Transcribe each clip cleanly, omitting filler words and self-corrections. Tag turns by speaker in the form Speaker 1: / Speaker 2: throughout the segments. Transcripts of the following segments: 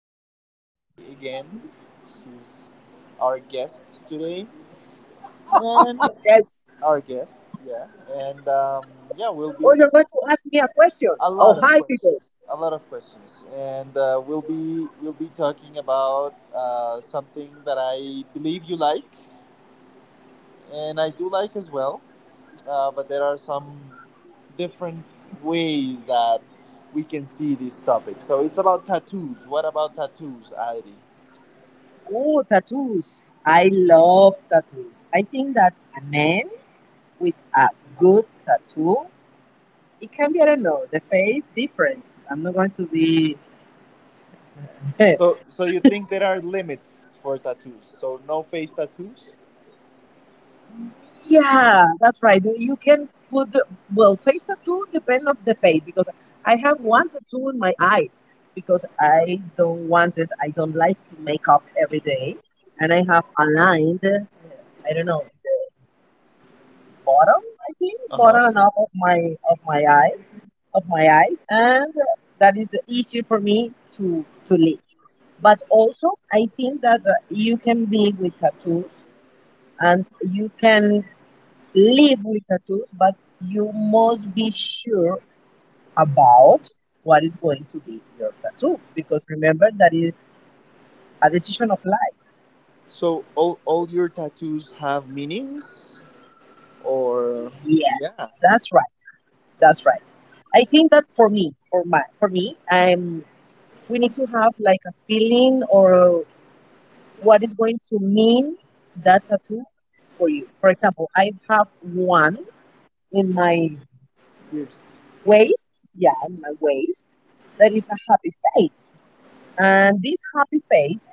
Speaker 1: I'm with Adri again. She's our guest today, and
Speaker 2: Yes.
Speaker 1: our guest, yeah, and yeah, we'll
Speaker 2: Oh,
Speaker 1: be
Speaker 2: you're going to ask me a question.
Speaker 1: a
Speaker 2: Oh,
Speaker 1: lot of
Speaker 2: hi, people.
Speaker 1: questions, a lot of questions, and we'll be talking about something that I believe you like, and I do like as well. But there are some different ways that we can see this topic. So it's about tattoos. What about tattoos, Adri?
Speaker 2: Oh, tattoos. I love tattoos. I think that a man with a good tattoo, it can be, I don't know, the face different. I'm not going to be. yeah,
Speaker 1: So you think there are limits for tattoos? So no face tattoos?
Speaker 2: that's right. You can put, well, face tattoo depend of the face because I have one tattoo in my eyes because I don't want it. I don't like to make up every day. And I have aligned, I don't know, bottom, I think,
Speaker 1: Uh-huh.
Speaker 2: bottom and up of my eye of my eyes, and that is easier for me to live. But also, I think that you can be with tattoos and you can live with tattoos, but you must be sure about what is going to be your tattoo because remember that is a decision of life.
Speaker 1: So all your tattoos have meanings or yeah,
Speaker 2: Yes, that's right. That's right. I think that for me, for me, I'm we need to have like a feeling or what is going to mean that tattoo for you. For example, I have one in my
Speaker 1: pierced
Speaker 2: waist, yeah, in my waist, that is a happy face. And this happy face,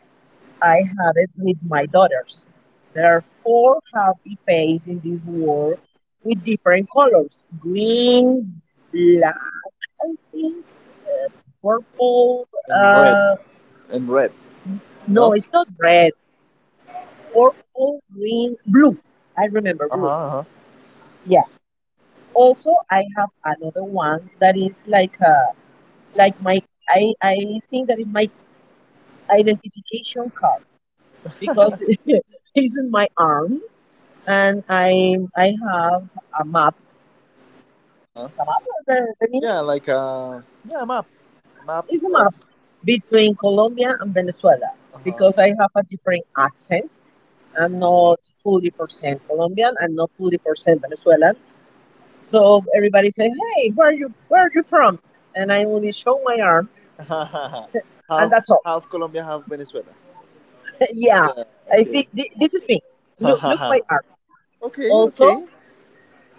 Speaker 2: I had it with my daughters. There are four happy faces in this world with different colors green, black, I think, uh, purple.
Speaker 1: and red
Speaker 2: Uh,
Speaker 1: and red, no?
Speaker 2: no, it's not red. It's purple, green, blue. I remember
Speaker 1: Uh-huh,
Speaker 2: blue.
Speaker 1: uh-huh.
Speaker 2: Yeah. Also, I have another one that is like my I think that is my identification card because it's in my arm and I have a map.
Speaker 1: Uh-huh.
Speaker 2: It's a map. The meaning
Speaker 1: Yeah, like yeah, a map. A map
Speaker 2: is a
Speaker 1: of
Speaker 2: map between Colombia and Venezuela
Speaker 1: uh-huh.
Speaker 2: because I have a different accent. I'm not fully percent Colombian. I'm not fully percent Venezuelan. So everybody say, "Hey, where are you? Where are you from?" And I only show my arm, and
Speaker 1: half
Speaker 2: that's all.
Speaker 1: half Colombia, half Venezuela.
Speaker 2: yeah,
Speaker 1: Yeah,
Speaker 2: I think
Speaker 1: okay.
Speaker 2: this is me. Look, look
Speaker 1: okay,
Speaker 2: my arm. Also,
Speaker 1: okay.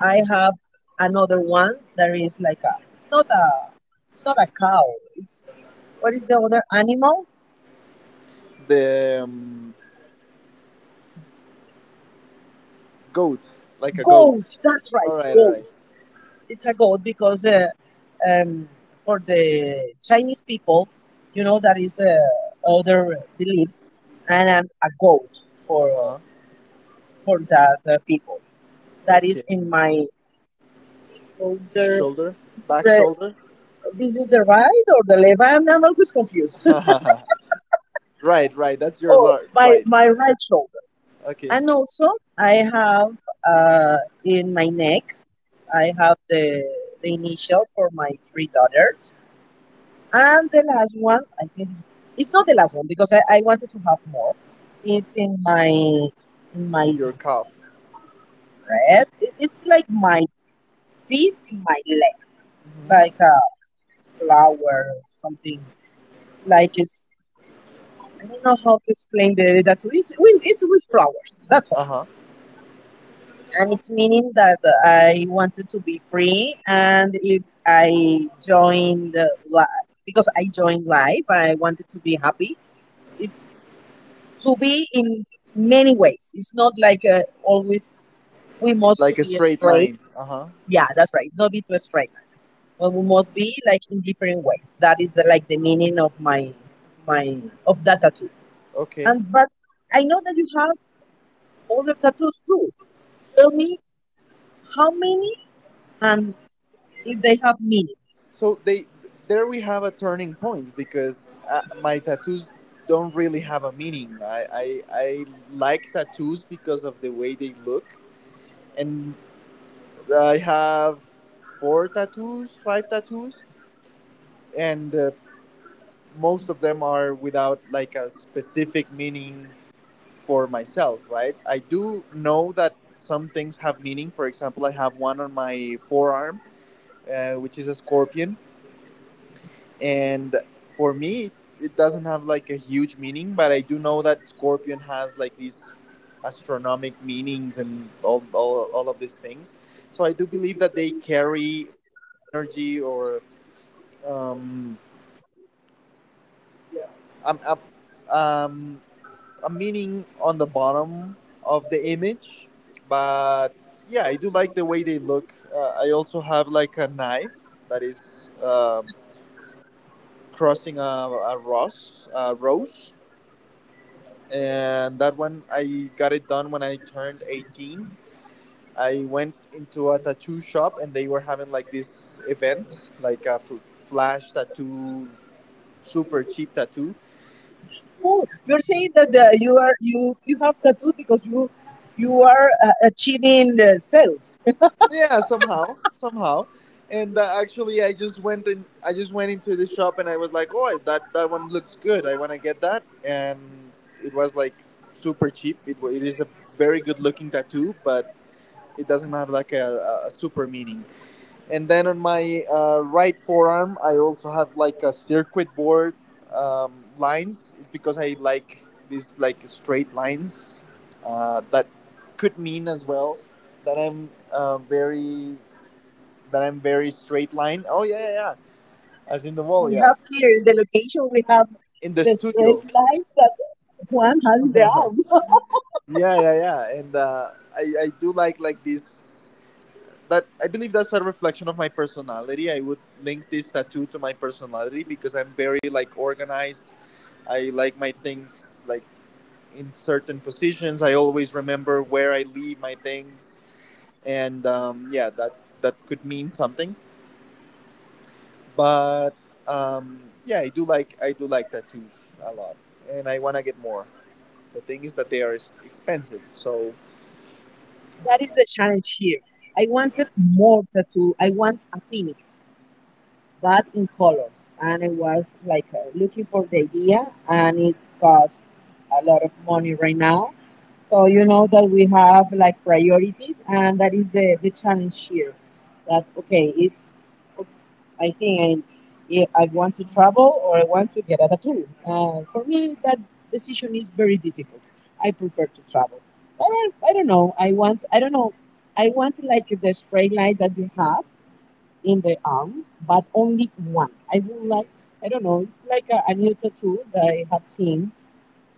Speaker 2: I have another one that is like a. It's not a. It's not a cow. It's what is the other animal?
Speaker 1: The Goat, like a
Speaker 2: Goat.
Speaker 1: goat.
Speaker 2: That's
Speaker 1: All
Speaker 2: right,
Speaker 1: right, all
Speaker 2: goat.
Speaker 1: right.
Speaker 2: It's a goat because um, for the Chinese people, you know, that is other beliefs, and I'm a goat
Speaker 1: Uh
Speaker 2: for uh,
Speaker 1: huh.
Speaker 2: for that people. That
Speaker 1: Okay.
Speaker 2: is in my folder.
Speaker 1: Shoulder,
Speaker 2: This is
Speaker 1: back
Speaker 2: the
Speaker 1: shoulder.
Speaker 2: this is the right or the left. I'm always confused.
Speaker 1: right, right.
Speaker 2: oh, my
Speaker 1: Right.
Speaker 2: my right shoulder.
Speaker 1: Okay.
Speaker 2: And also, I have uh, in my neck. I have the initial for my three daughters. And the last one, I think it's not the last one because I wanted to have more. It's in my
Speaker 1: Your calf.
Speaker 2: red. It's like my feet, my leg, like
Speaker 1: Hmm.
Speaker 2: a flower, something like it's I don't know how to explain the that it's with flowers. That's all,
Speaker 1: Uh huh.
Speaker 2: and it's meaning that I wanted to be free, and if I joined because I joined life, I wanted to be happy. It's to be in many ways. It's not like always we must to
Speaker 1: Like a
Speaker 2: be
Speaker 1: straight
Speaker 2: straight.
Speaker 1: line. Uh huh.
Speaker 2: Yeah, that's right. Not be too straight, but we must be like in different ways. That is the like the meaning of my of that tattoo.
Speaker 1: Okay.
Speaker 2: And but I know that you have all the tattoos too. Tell me how many and if they have meanings.
Speaker 1: So they there we have a turning point because my tattoos don't really have a meaning. I like tattoos because of the way they look, and I have four tattoos, five tattoos, and most of them are without like a specific meaning for myself, right? I do know that some things have meaning. For example, I have one on my forearm, which is a scorpion, and for me it doesn't have like a huge meaning, but I do know that scorpion has like these astronomic meanings and all of these things, so I do believe that they carry like an energy or um, yeah um, um, um, a meaning on the bottom of the image. But yeah, I do like the way they look. I also have like a knife that is crossing a rose, a rose, and that one I got it done when I turned 18. I went into a tattoo shop and they were having like this event, like flash tattoo, super cheap tattoo.
Speaker 2: Oh, you're saying that the, you are you have tattoo because you are achieving the sales.
Speaker 1: Yeah, somehow, somehow. And actually, I just went in. I just went into the shop and I was like, "Oh, that that one looks good. I want to get that." And it was like super cheap. It is a very good looking tattoo, but it doesn't have like a super meaning. And then on my right forearm, I also have like a circuit board lines. It's because I like these like straight lines. That could mean as well that I'm very straight line. Oh yeah, yeah, yeah. As in the wall,
Speaker 2: We
Speaker 1: yeah.
Speaker 2: have here in the location we have
Speaker 1: In the
Speaker 2: the straight
Speaker 1: studio.
Speaker 2: line that one has in the arm.
Speaker 1: yeah, yeah, yeah. And I do like these that I believe that's a reflection of my personality. I would link this tattoo to my personality because I'm very like organized. I like my things like in certain positions. I always remember where I leave my things, and yeah, that that could mean something. But yeah, I do like tattoos a lot, and I want to get more. The thing is that they are expensive, so
Speaker 2: That is the challenge here. I wanted more tattoo. I want a phoenix, but in colors. And I was like looking for the idea, and it cost a lot of money right now. So you know that we have like priorities, and that is the challenge here. That okay, it's I think I, yeah, I want to travel or I want to get a tattoo. For me, that decision is very difficult. I prefer to travel, but I don't know. I want I don't know. I want like the straight line that you have in the arm, but only one. I would like, I don't know, it's like a new tattoo that I have seen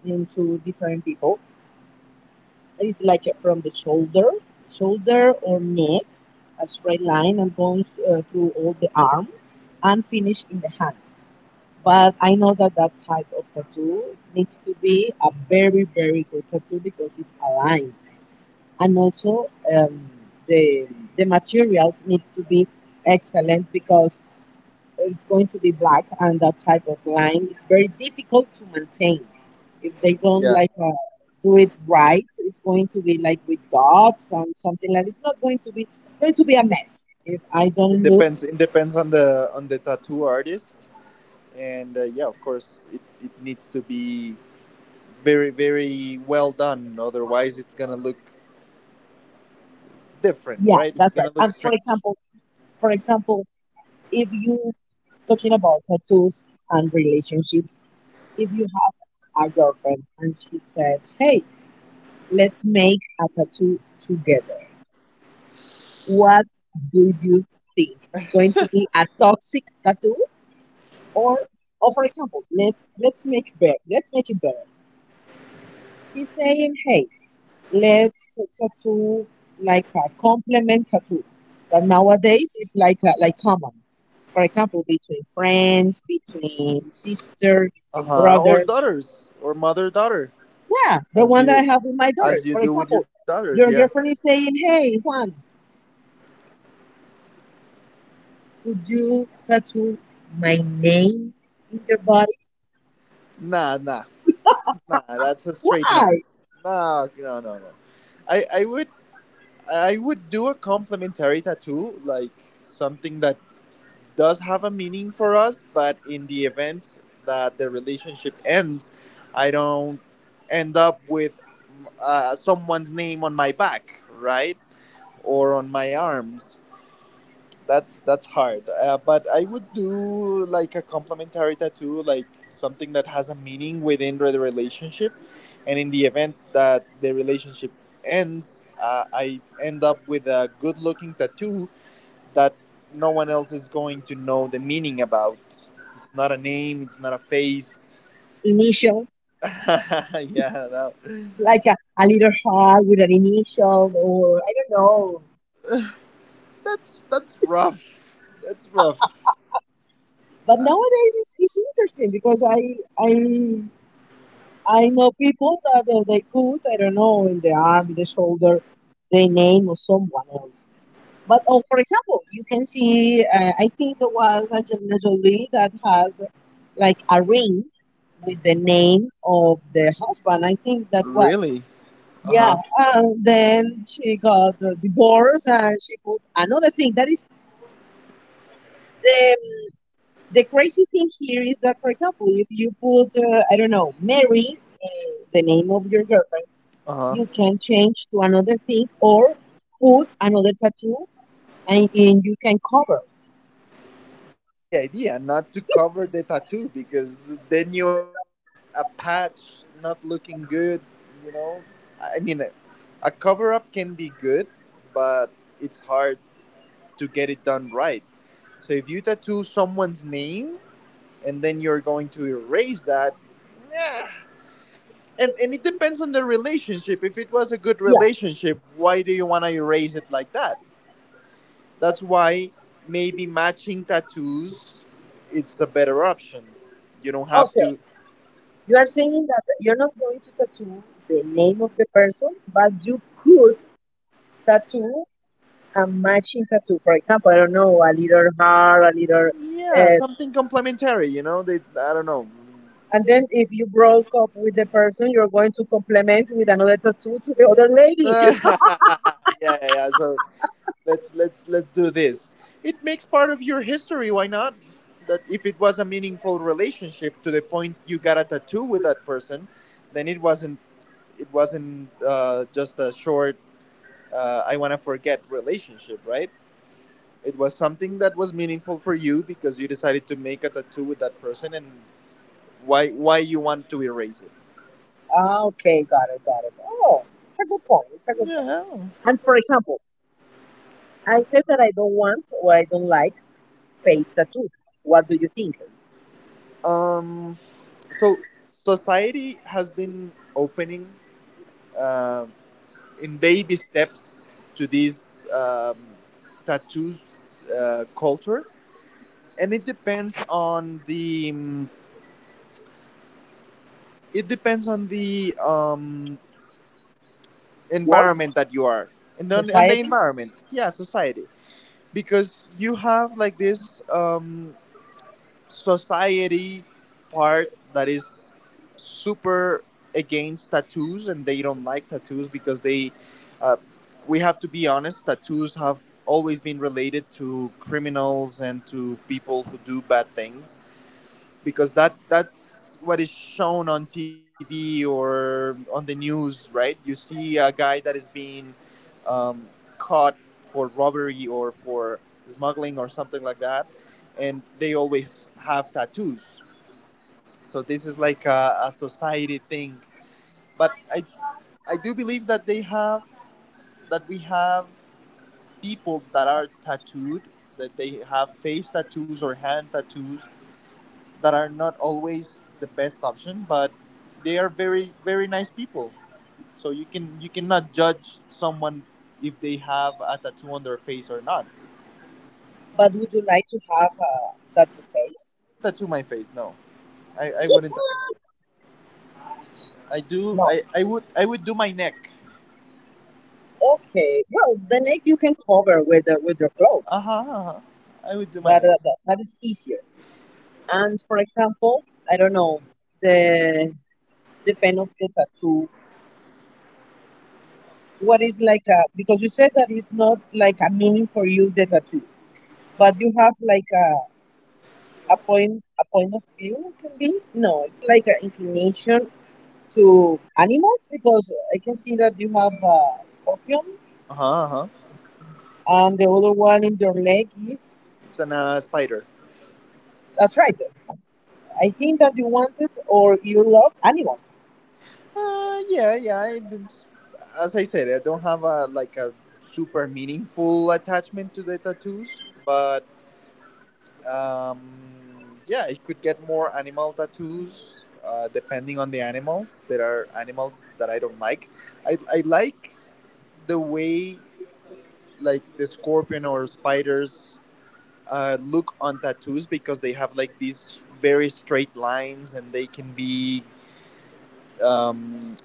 Speaker 2: in two different people. It's like from the shoulder, shoulder or neck, a straight line and goes through all the arm and finish in the hand. But I know that that type of tattoo needs to be a very, very good tattoo because it's aligned. And also, the, the materials need to be excellent because it's going to be black and that type of line. It's very difficult to maintain. If they don't
Speaker 1: yeah,
Speaker 2: like do it right, it's going to be like with dots and something like it's not going to be going to be a mess if I
Speaker 1: it
Speaker 2: don't look.
Speaker 1: depends. It depends on the tattoo artist, and yeah, of course, it needs to be very, very well done. Otherwise, it's gonna look different,
Speaker 2: Yeah,
Speaker 1: right? It's
Speaker 2: that's right.
Speaker 1: gonna look
Speaker 2: And
Speaker 1: strange.
Speaker 2: for example, if you talking about tattoos and relationships, if you have a girlfriend and she said, "Hey, let's make a tattoo together. What do you think? It's going to be a toxic tattoo or or for example, let's make better. Let's make it better. She's saying, "Hey, let's tattoo like a compliment tattoo." But nowadays it's like a, like common. For example, between friends, between sisters,
Speaker 1: Uh
Speaker 2: between
Speaker 1: huh. Or
Speaker 2: brothers.
Speaker 1: daughters, or mother daughter,
Speaker 2: Yeah, the
Speaker 1: as
Speaker 2: one that I
Speaker 1: you
Speaker 2: have with my
Speaker 1: as
Speaker 2: daughters.
Speaker 1: you
Speaker 2: For
Speaker 1: do with your
Speaker 2: example,
Speaker 1: daughters. Yeah.
Speaker 2: your girlfriend is saying, "Hey, Juan, would you tattoo my name in your body?
Speaker 1: Nah, nah, nah. That's a straight no.
Speaker 2: Why?
Speaker 1: Nah, no, no, no. I I would I would do a complimentary tattoo, like something that does have a meaning for us, but in the event that the relationship ends, I don't end up with someone's name on my back, right, or on my arms. That's hard. But I would do like a complementary tattoo, like something that has a meaning within the relationship, and in the event that the relationship ends, I end up with a good-looking tattoo that no one else is going to know the meaning about. It's not a name, it's not a face.
Speaker 2: Initial,
Speaker 1: yeah, that,
Speaker 2: like a little heart with an initial, or I don't know.
Speaker 1: that's rough. That's rough.
Speaker 2: But nowadays it's interesting because I know people that they put I don't know in the arm, in the shoulder, the name of someone else. But oh, for example, you can see I think there was Angelina Jolie that has like a ring with the name of the husband. I think that was
Speaker 1: Really?
Speaker 2: yeah,
Speaker 1: Uh-huh.
Speaker 2: and then she got the divorce and she put another thing. That is the the crazy thing here is that, for example, if you put I don't know Mary, uh, the name of your girlfriend,
Speaker 1: Uh-huh.
Speaker 2: you can change to another thing or put another tattoo, and you can cover.
Speaker 1: That's the idea, not to cover the tattoo because then you end up with a patch not looking good, you know? I mean, a cover up can be good, but it's hard to get it done right. So if you tattoo someone's name, and then you're going to erase that. Nah. And it depends on the relationship. If it was a good
Speaker 2: Yeah,
Speaker 1: relationship, why do you want to erase it like that? That's why maybe matching tattoos, it's a better option. You don't
Speaker 2: oh,
Speaker 1: have
Speaker 2: sir,
Speaker 1: to.
Speaker 2: you are saying that you're not going to tattoo the name of the person, but you could tattoo a matching tattoo. For example, I don't know, a little heart, a little.
Speaker 1: Yeah,
Speaker 2: Uh,
Speaker 1: something complementary. You know, they. I don't know.
Speaker 2: and then if you broke up with the person, you're going to complement with another tattoo to the other lady.
Speaker 1: yeah, yeah. So let's do this, it makes part of your history, why not, that if it was a meaningful relationship to the point you got a tattoo with that person, then it wasn't just a short I want to forget relationship, right? It was something that was meaningful for you because you decided to make a tattoo with that person, and why you want to erase it?
Speaker 2: Ah, okay, got it, got it. Oh, it's a good point. It's a good point.
Speaker 1: Yeah.
Speaker 2: And for example, I said that I don't want or I don't like face the truth. What do you think?
Speaker 1: Um so society has been opening um in baby steps to this tattoos culture, and it depends on the it depends on the um,
Speaker 2: Work,
Speaker 1: environment that you are, and on the
Speaker 2: society,
Speaker 1: environment, yeah, society, because you have like this society part that is super against tattoos and they don't like tattoos because they uh, we have to be honest, tattoos have always been related to criminals and to people who do bad things, because that's what is shown on TV or on the news, right? You see a guy that is being um, caught for robbery or for smuggling or something like that, and they always have tattoos. So this is like a society thing. But I do believe that they have that we have people that are tattooed, that they have face tattoos or hand tattoos, that are not always the best option, but they are very very nice people. So you cannot judge someone if they have a tattoo on their face or not.
Speaker 2: but would you like to have that to
Speaker 1: I
Speaker 2: face?
Speaker 1: wouldn't tattoo my face. No, I wouldn't tattoo my. Face. I do.
Speaker 2: No,
Speaker 1: I would do my neck.
Speaker 2: okay, well, the neck you can cover with the, with your cloth.
Speaker 1: Uh huh. Uh-huh. I would do my
Speaker 2: That,
Speaker 1: neck.
Speaker 2: that that is easier. And for example, I don't know the depend of the tattoo. What is like a because you said that it's not like a meaning for you the tattoo, but you have like a point of view can be no, it's like an inclination to animals because I can see that you have a scorpion
Speaker 1: Uh huh. Uh-huh.
Speaker 2: and the other one in your leg is
Speaker 1: It's an spider.
Speaker 2: that's right I think that you wanted or you love animals.
Speaker 1: Yeah, yeah. I didn't. As I said, I don't have a like a super meaningful attachment to the tattoos, but um, yeah, it could get more animal tattoos depending on the animals. There are animals that I don't like. I like the way like the scorpion or spiders look on tattoos because they have like these very straight lines and they can be um,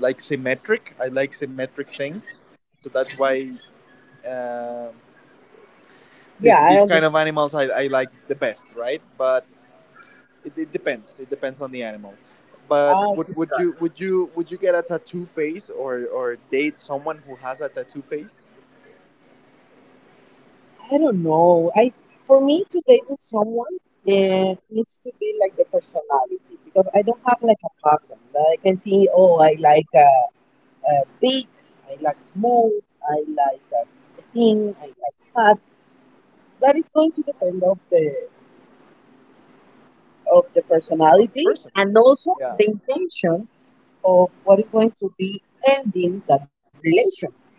Speaker 1: like symmetric. I like symmetric things, so that's why uh,
Speaker 2: Yeah,
Speaker 1: this
Speaker 2: I
Speaker 1: this kind of
Speaker 2: understand.
Speaker 1: animals I like the best, right? But it depends. It depends on the animal. But
Speaker 2: Ah, okay, got
Speaker 1: would you get a tattoo face
Speaker 2: it.
Speaker 1: or date someone who has a tattoo face
Speaker 2: I don't know. I for me to date with someone, it needs to be like the personality because I don't have like a pattern. Like I can see, oh, I like big, I like small, I like thin, I like fat. That is going to depend of the of
Speaker 1: of
Speaker 2: the
Speaker 1: the person?
Speaker 2: personality and
Speaker 1: Yeah.
Speaker 2: also the intention of what is going to be ending that relation.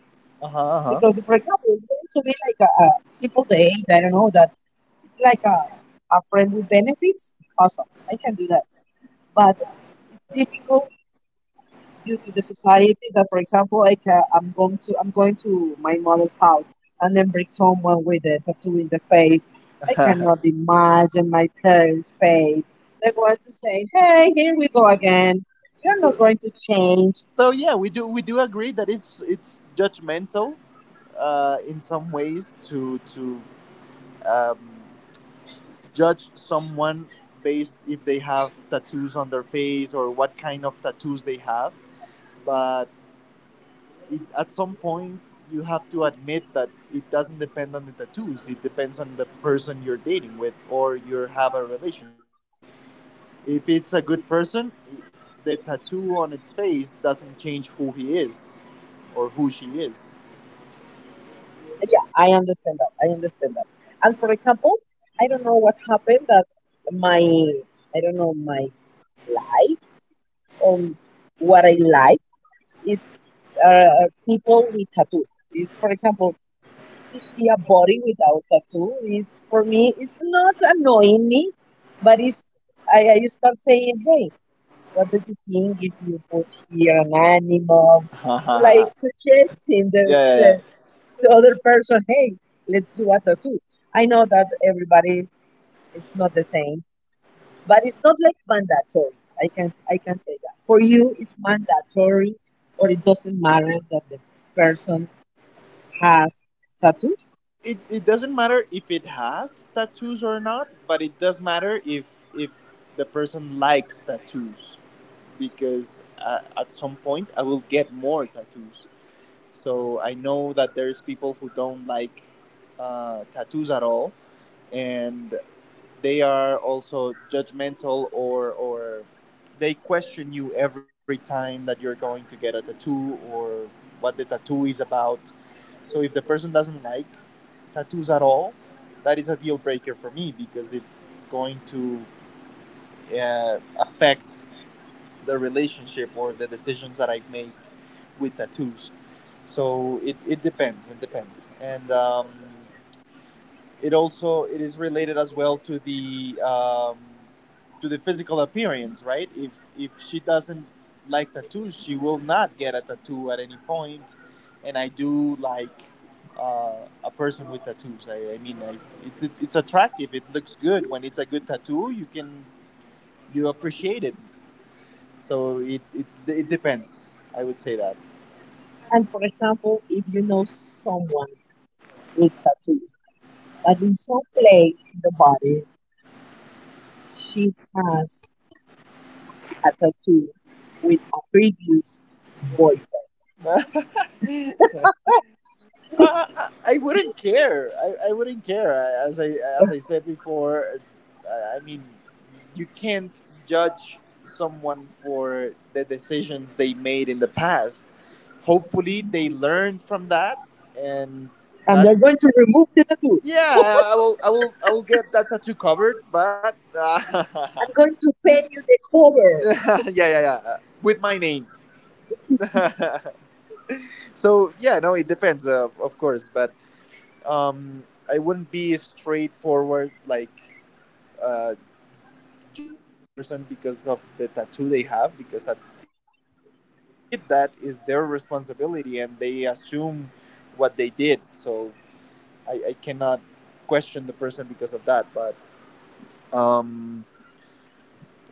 Speaker 1: Uh huh.
Speaker 2: Because, if, for example, it's going to be like a simple date, I don't know, that it's like a friend with benefits, awesome, I can do that. But it's difficult due to the society that, for example, like I'm going to my mother's house and then bring someone with a tattoo in the face.
Speaker 1: Uh
Speaker 2: I
Speaker 1: huh.
Speaker 2: cannot imagine my parents' face. They're going to say, "Hey, here we go again. You're not
Speaker 1: so
Speaker 2: going to change.
Speaker 1: so yeah, we do agree that it's judgmental in some ways to um, judge someone based if they have tattoos on their face or what kind of tattoos they have. But it, at some point you have to admit that it doesn't depend on the tattoos, it depends on the person you're dating with or you have a relationship with. If it's a good person, the tattoo on its face doesn't change who he is or who she is.
Speaker 2: Yeah, I understand that. I understand that. And for example, I don't know what happened that my, I don't know, my likes or what I like is people with tattoos. Is for example, to see a body without tattoo is for me it's not annoying me but it's I start saying, hey, what do you think if you put here an animal? It's like
Speaker 1: yeah
Speaker 2: suggesting
Speaker 1: yeah yeah,
Speaker 2: the other person, hey, let's do a tattoo. I know that everybody is not the same, but it's not like mandatory. I can say that for you it's mandatory, or it doesn't matter that the person has tattoos.
Speaker 1: it doesn't matter if it has tattoos or not, but it does matter if if the person likes tattoos, because at some point I will get more tattoos. So I know that there's people who don't like tattoos at all, and they are also judgmental or they question you every time that you're going to get a tattoo or what the tattoo is about. So if the person doesn't like tattoos at all, that is a deal breaker for me because it's going to affect the relationship or the decisions that I make with tattoos. So it depends, it depends, and it also it is related as well to the physical appearance, right? If she doesn't like tattoos she will not get a tattoo at any point. And I do like uh, a person with tattoos. I mean, it's attractive. It looks good. When it's a good tattoo, you appreciate it. So it depends, I would say that.
Speaker 2: And for example, if you know someone with tattoo, but in some place in the body she has a tattoo with a previous boyfriend.
Speaker 1: I, I wouldn't care. I wouldn't care. I, as I said before, I mean, you can't judge someone for the decisions they made in the past. Hopefully, they learned from that, and
Speaker 2: And
Speaker 1: that.
Speaker 2: they're going to remove the tattoo.
Speaker 1: Yeah, I will get that tattoo covered, but
Speaker 2: I'm going to pay you the cover.
Speaker 1: yeah, yeah, yeah, with my name. So yeah, no, it depends, of course, but um, I wouldn't be straightforward, like uh, judging the person because of the tattoo they have, because that- if they if they did that, is their responsibility, and they assume what they did. So I cannot question the person because of that, but um,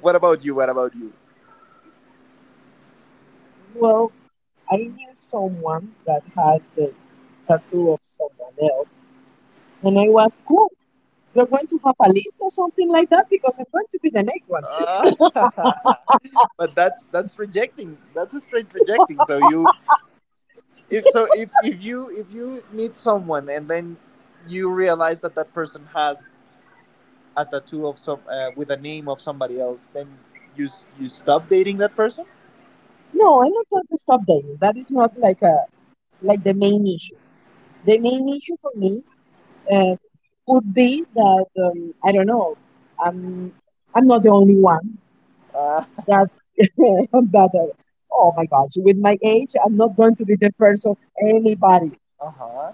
Speaker 1: what about you?
Speaker 2: Well, I knew someone that has the tattoo of someone else, and I was, cool. You're going to have a list or something like that because I'm going to be the next one.
Speaker 1: But that's rejecting. That's a straight rejecting. So you, if so if you meet someone and then you realize that that person has a tattoo of some with the name of somebody else, then you stop dating that person.
Speaker 2: No, I'm not going to stop dating. That is not like a like the main issue. The main issue for me uh, would be that I don't know. Um, I'm not the only one
Speaker 1: uh,
Speaker 2: that that oh my gosh, with my age, I'm not going to be the first of anybody.
Speaker 1: huh.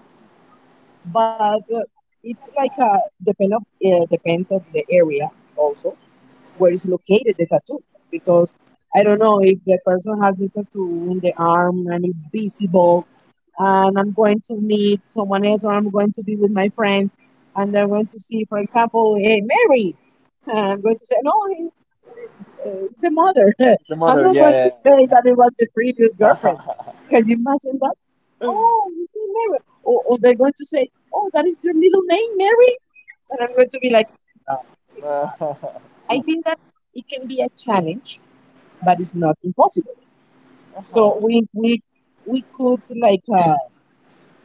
Speaker 2: But it's like a depend of depends of the area also where is located the tattoo, because I don't know if the person has the tattoo in the arm and is visible and I'm going to meet someone else, or I'm going to be with my friends, and they're going to see, for example, hey, Mary. And I'm going to say, no, it's the mother.
Speaker 1: The
Speaker 2: I'm
Speaker 1: mother,
Speaker 2: not going to
Speaker 1: yeah.
Speaker 2: say that it was the previous
Speaker 1: Yeah.
Speaker 2: girlfriend. Can you imagine that? Oh, you say Mary. Or they're going to say, oh, that is your middle name, Mary. And I'm going to be like, no, it's not.
Speaker 1: Uh,
Speaker 2: I
Speaker 1: it's
Speaker 2: think that it can be a challenge, but it's not impossible. So
Speaker 1: uh-huh,
Speaker 2: we we could like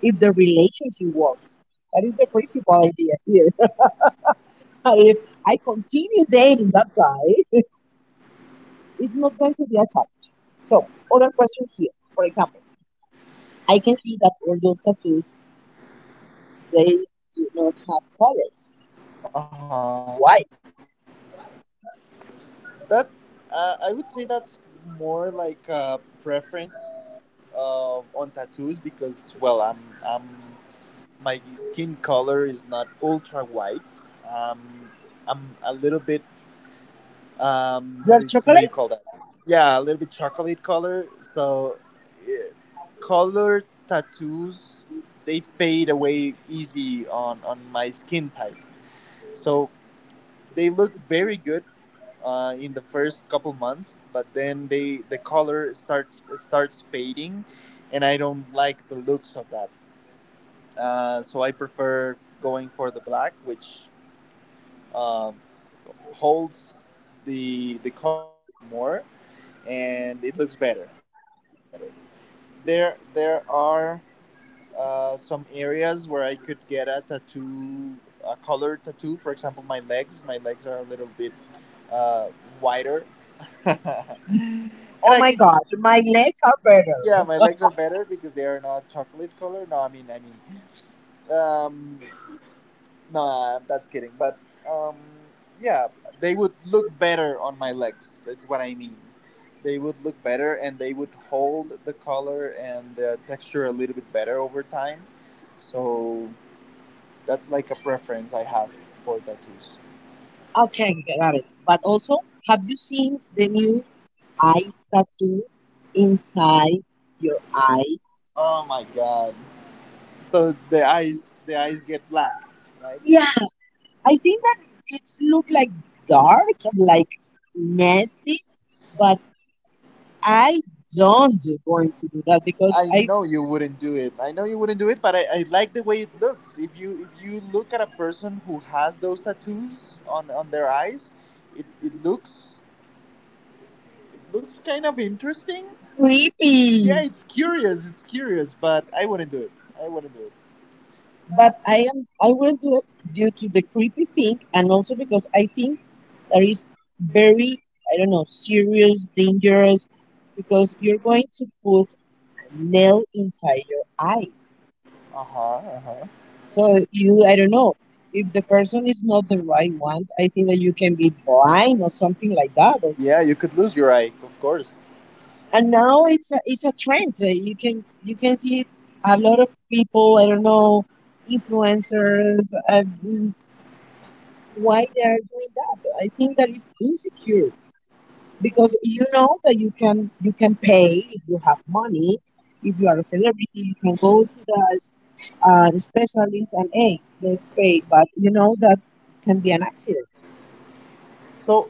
Speaker 2: if the relationship works. That is the principal idea here. But if I continue dating that guy, it's not going to be a challenge. So, other question here. For example, I can see that older tattoos, they do not have colors.
Speaker 1: uh-huh.
Speaker 2: Why?
Speaker 1: That, I would say that's more like a preference, on tattoos because, well, I'm my skin color is not ultra white. Um, I'm a little bit,
Speaker 2: Your
Speaker 1: how do you call
Speaker 2: chocolate?
Speaker 1: that? Yeah, a little bit chocolate color. So, eh, color tattoos, they fade away easy on my skin type. So they look very good in the first couple months, but then the color starts fading, and I don't like the looks of that. So I prefer going for the black, which um, holds the color a little bit more, and it looks better. It looks better. There are some areas where I could get a tattoo, a color tattoo. For example, my legs. My legs are a little bit uh, wider, and
Speaker 2: Oh
Speaker 1: I
Speaker 2: my
Speaker 1: could,
Speaker 2: god, my legs are better.
Speaker 1: yeah, my legs are better because they are not chocolate color. No, I mean, um, no, I'm that's kidding. But um, yeah, they would look better on my legs. That's what I mean. They would look better, and they would hold the color and the texture a little bit better over time. So that's like a preference I have for tattoos.
Speaker 2: Okay, got it. But also, have you seen the new eyes tattoo inside your eyes?
Speaker 1: Oh my god! So the eyes get black, right?
Speaker 2: Yeah, I think that it's look like dark, like nasty, but I don't going to do that because
Speaker 1: I
Speaker 2: I
Speaker 1: know you wouldn't do it. I know you wouldn't do it, but I like the way it looks. If you look at a person who has those tattoos on their eyes, it looks, it looks kind of interesting. Yeah,
Speaker 2: creepy.
Speaker 1: it's curious, but I wouldn't do it. I wouldn't do it.
Speaker 2: But I wouldn't do it due to the creepy thing and also because I think there is very I don't know serious, dangerous because you're going to put a nail inside your eyes.
Speaker 1: Uh-huh, uh-huh.
Speaker 2: So you I don't know, if the person is not the right one, I think that you can be blind or something like that, or
Speaker 1: Yeah, you could lose your eye, of course.
Speaker 2: and now it's a trend. You can see a lot of people. I don't know, influencers. Why they are doing that? I think that is insecure because you know that you can pay if you have money. If you are a celebrity, you can go to the specialist and hey, let's pay. But you know that can be an accident.
Speaker 1: So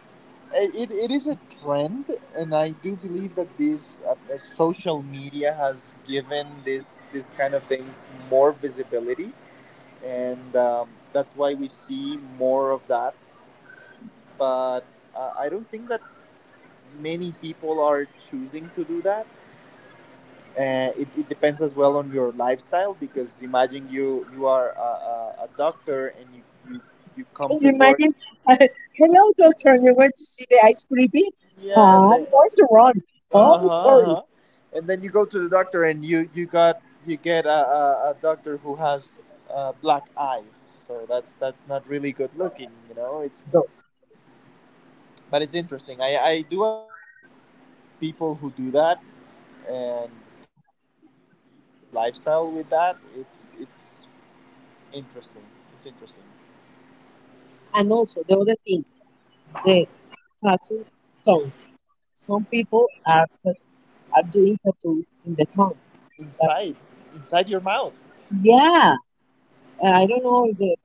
Speaker 1: it is a trend, and I do believe that this social media has given this kind of things more visibility, and that's why we see more of that. But I don't think that many people are choosing to do that. It depends as well on your lifestyle, because imagine you are a doctor, and you, you you come
Speaker 2: Can
Speaker 1: to
Speaker 2: you
Speaker 1: work.
Speaker 2: imagine? Hello, doctor. You went to see the ice creepy?
Speaker 1: Yeah, and then
Speaker 2: I'm going to run. Oh,
Speaker 1: uh-huh,
Speaker 2: I'm sorry.
Speaker 1: uh-huh. And then you go to the doctor and you got, you get a doctor who has black eyes, so that's not really good looking, you know. It's
Speaker 2: So,
Speaker 1: but it's interesting. I do admire people who do that, and how they can keep their lifestyle with that. It's interesting, it's interesting.
Speaker 2: and also the other thing, the tattoo tongue. Some people are are doing tattoo in the tongue. But
Speaker 1: Inside, inside your mouth.
Speaker 2: yeah, I don't know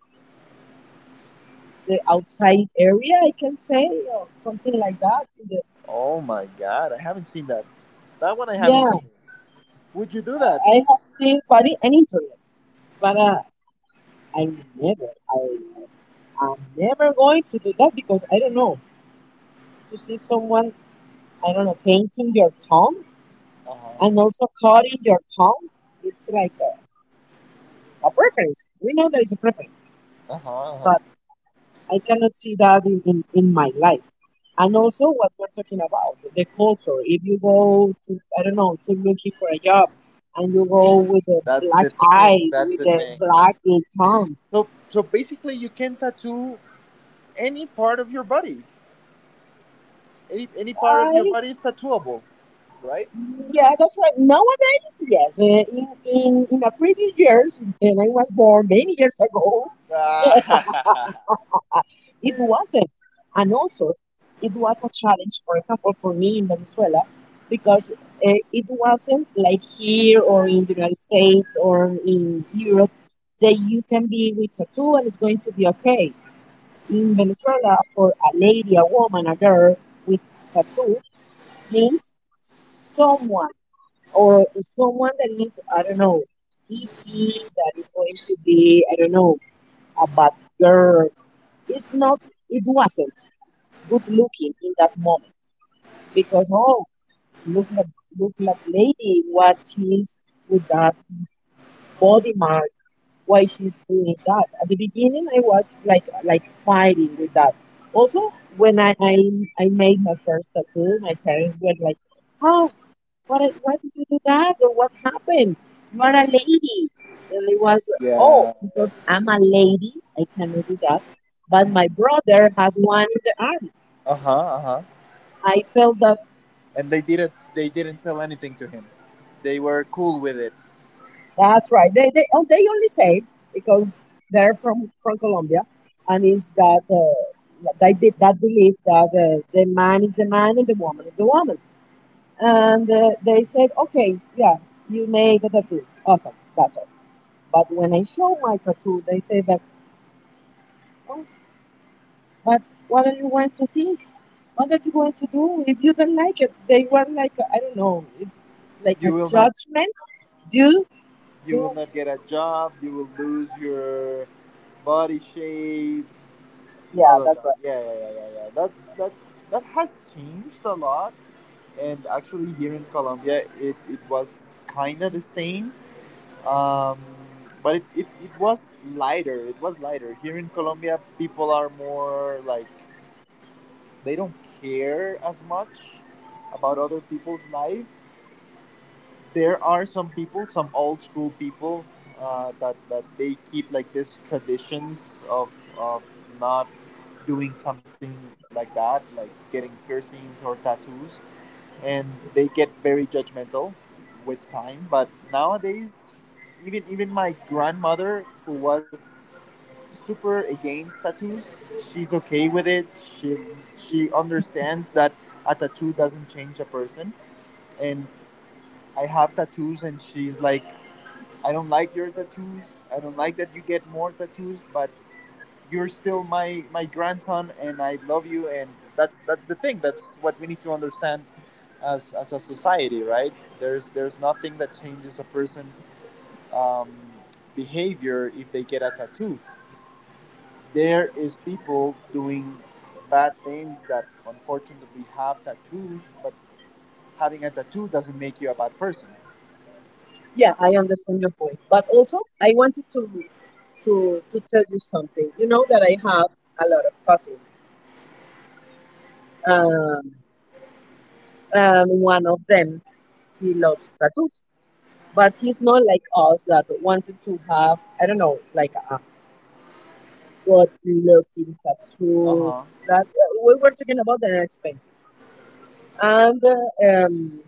Speaker 2: the outside area. I can say or something like that.
Speaker 1: Oh my god, I haven't seen that. That one I haven't
Speaker 2: Yeah,
Speaker 1: seen. Would you do that?
Speaker 2: I have seen body and internet, but I I am never going to do that because I don't know. To see someone, I don't know, painting your tongue and
Speaker 1: Uh-huh,
Speaker 2: also cutting your tongue, it's like a preference. We know there is a preference,
Speaker 1: uh-huh, uh-huh.
Speaker 2: but I cannot see that in my life. And also what we're talking about, the culture. If you go to, I don't know, to looking for a job and you go with the
Speaker 1: that's
Speaker 2: black
Speaker 1: the thing
Speaker 2: eyes,
Speaker 1: that's
Speaker 2: with
Speaker 1: the
Speaker 2: the
Speaker 1: thing
Speaker 2: black tongue,
Speaker 1: So so basically, you can tattoo any part of your body. Any part of your
Speaker 2: I
Speaker 1: body is tattooable, right?
Speaker 2: yeah, that's right. Nowadays, yes. In the previous years, and I was born many years ago, Uh, it wasn't. And also, it was a challenge, for example, for me in Venezuela, because it wasn't like here or in the United States or in Europe that you can be with tattoo and it's going to be okay. In Venezuela, for a lady, a woman, a girl with tattoo means someone or someone that is, I don't know, easy, that is going to be, I don't know, a bad girl. It's not, it wasn't good looking in that moment because oh look at look at lady what she's with that body mark, why she's doing that? At the beginning I was like fighting with that. Also when I made my first tattoo my parents were like, how, what, why did you do that, or what happened? You are a lady. And it was, oh
Speaker 1: Yeah.
Speaker 2: because I'm a lady I cannot do that, but my brother has one in the arm.
Speaker 1: Uh-huh, uh-huh.
Speaker 2: I felt that.
Speaker 1: And they didn't tell anything to him? They were cool with it?
Speaker 2: That's right. They oh, they only say it because they're from Colombia, and is that they that belief that the man is the man and the woman is the woman, and they said, okay, yeah, you made a tattoo, awesome, that's all. But when I show my tattoo, they say that, oh, but what are you going to think? What are you going to do if you don't like it? They were like, I don't know, it's like a
Speaker 1: you will not get a
Speaker 2: judgment
Speaker 1: job
Speaker 2: due
Speaker 1: You will
Speaker 2: to
Speaker 1: not get a job. You will lose your body shape.
Speaker 2: yeah,
Speaker 1: All of
Speaker 2: that's
Speaker 1: that,
Speaker 2: right.
Speaker 1: yeah yeah yeah yeah, yeah. That's that has changed a lot. And actually, here in Colombia, it was kind of the same. Um, but it was lighter. It was lighter. Here in Colombia, people are more like, they don't care as much about other people's life. There are some people, some old school people, that they keep like this traditions of of not doing something like that, like getting piercings or tattoos, and they get very judgmental with time. But nowadays, even my grandmother, who was super against tattoos. She's okay with it. She understands that a tattoo doesn't change a person. And I have tattoos, and she's like, I don't like your tattoos. I don't like that you get more tattoos, but you're still my grandson, and I love you. And that's the thing. That's what we need to understand as a society, right? There's nothing that changes a person. Um, behavior if they get a tattoo. There is people doing bad things that unfortunately have tattoos, but having a tattoo doesn't make you a bad person.
Speaker 2: Yeah, I understand your point. But also, I wanted to tell you something. You know that I have a lot of cousins. Um, and one of them, he loves tattoos, but he's not like us that wanted to have, I don't know, like a good looking
Speaker 1: Uh
Speaker 2: tattoo.
Speaker 1: huh.
Speaker 2: That we were talking about that are expensive. And um,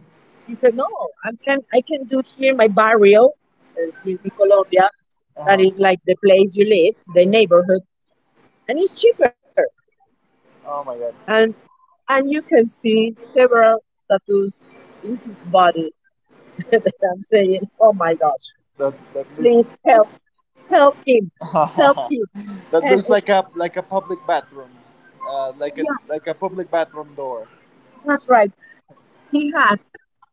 Speaker 2: he said, "No, I can do here my barrio. He's in Colombia. That
Speaker 1: Uh huh.
Speaker 2: is like the place you live, the neighborhood." And it's cheaper.
Speaker 1: Oh my god.
Speaker 2: And and you can see several tattoos in his body that I'm saying, oh my gosh,
Speaker 1: That that looks
Speaker 2: please help, help him, help him.
Speaker 1: that looks
Speaker 2: And
Speaker 1: like a public bathroom,
Speaker 2: yeah,
Speaker 1: like a public bathroom door.
Speaker 2: that's right. He has,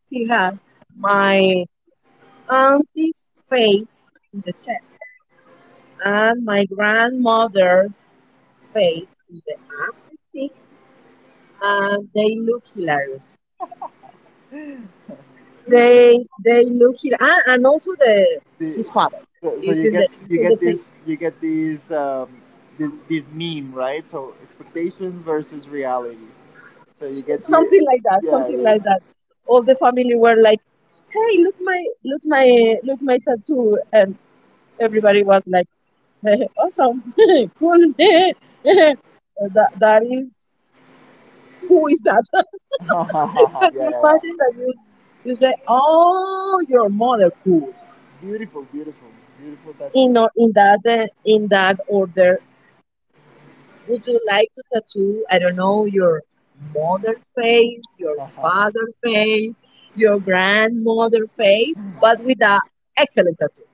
Speaker 2: he has my auntie's face in the chest and my grandmother's face in the arm, I think, and they look hilarious. They look it and also the
Speaker 1: The,
Speaker 2: his father
Speaker 1: so
Speaker 2: is
Speaker 1: you
Speaker 2: in the
Speaker 1: get
Speaker 2: same
Speaker 1: this you get these this meme, right? So expectations versus reality. So you get the,
Speaker 2: something like that
Speaker 1: yeah,
Speaker 2: something
Speaker 1: the-
Speaker 2: like that. All the family were like, "Hey, look my tattoo," and everybody was like, "Hey, Awesome, cool." That that is who is that?
Speaker 1: yeah yeah
Speaker 2: Can you
Speaker 1: yeah.
Speaker 2: imagine that you say, "Oh, your mother, cool."
Speaker 1: Beautiful, beautiful, beautiful tattoo.
Speaker 2: In or in that order, would you like to tattoo, I don't know, your mother's face, your father's face, your grandmother face, but with a excellent tattoo?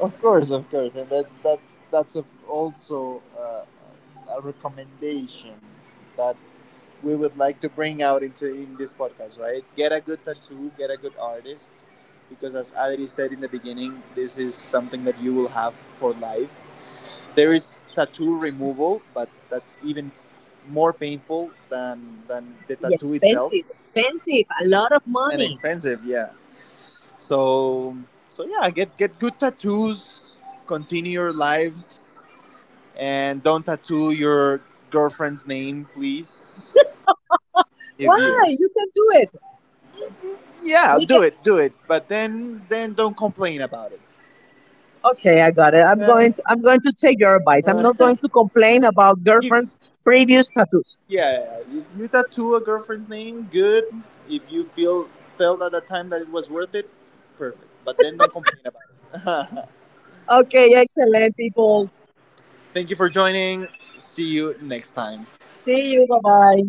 Speaker 1: Of course, of course, and that's that's a, also a recommendation that we would like to bring out into in this podcast. Right, get a good tattoo, get a good artist, because as Adri said in the beginning, this is something that you will have for life. There is tattoo removal, but that's even more painful than the tattoo itself,
Speaker 2: Expensive, expensive, a lot of
Speaker 1: and
Speaker 2: money.
Speaker 1: expensive. Yeah. So so yeah, get good tattoos, continue your lives, and don't tattoo your girlfriend's name, please. If you,
Speaker 2: Why? You can do it.
Speaker 1: yeah,
Speaker 2: We can.
Speaker 1: do it, but then don't complain about it.
Speaker 2: Okay, I got it. I'm
Speaker 1: Uh,
Speaker 2: going. To, I'm going to take your advice. I'm
Speaker 1: uh,
Speaker 2: not going to complain about
Speaker 1: if
Speaker 2: girlfriend's previous tattoos.
Speaker 1: yeah, yeah, yeah, if you tattoo a girlfriend's name, good. If you feel felt at the time that it was worth it, perfect. But then don't complain about it.
Speaker 2: Okay, excellent, people.
Speaker 1: Thank you for joining. See you next time.
Speaker 2: See you. Bye bye.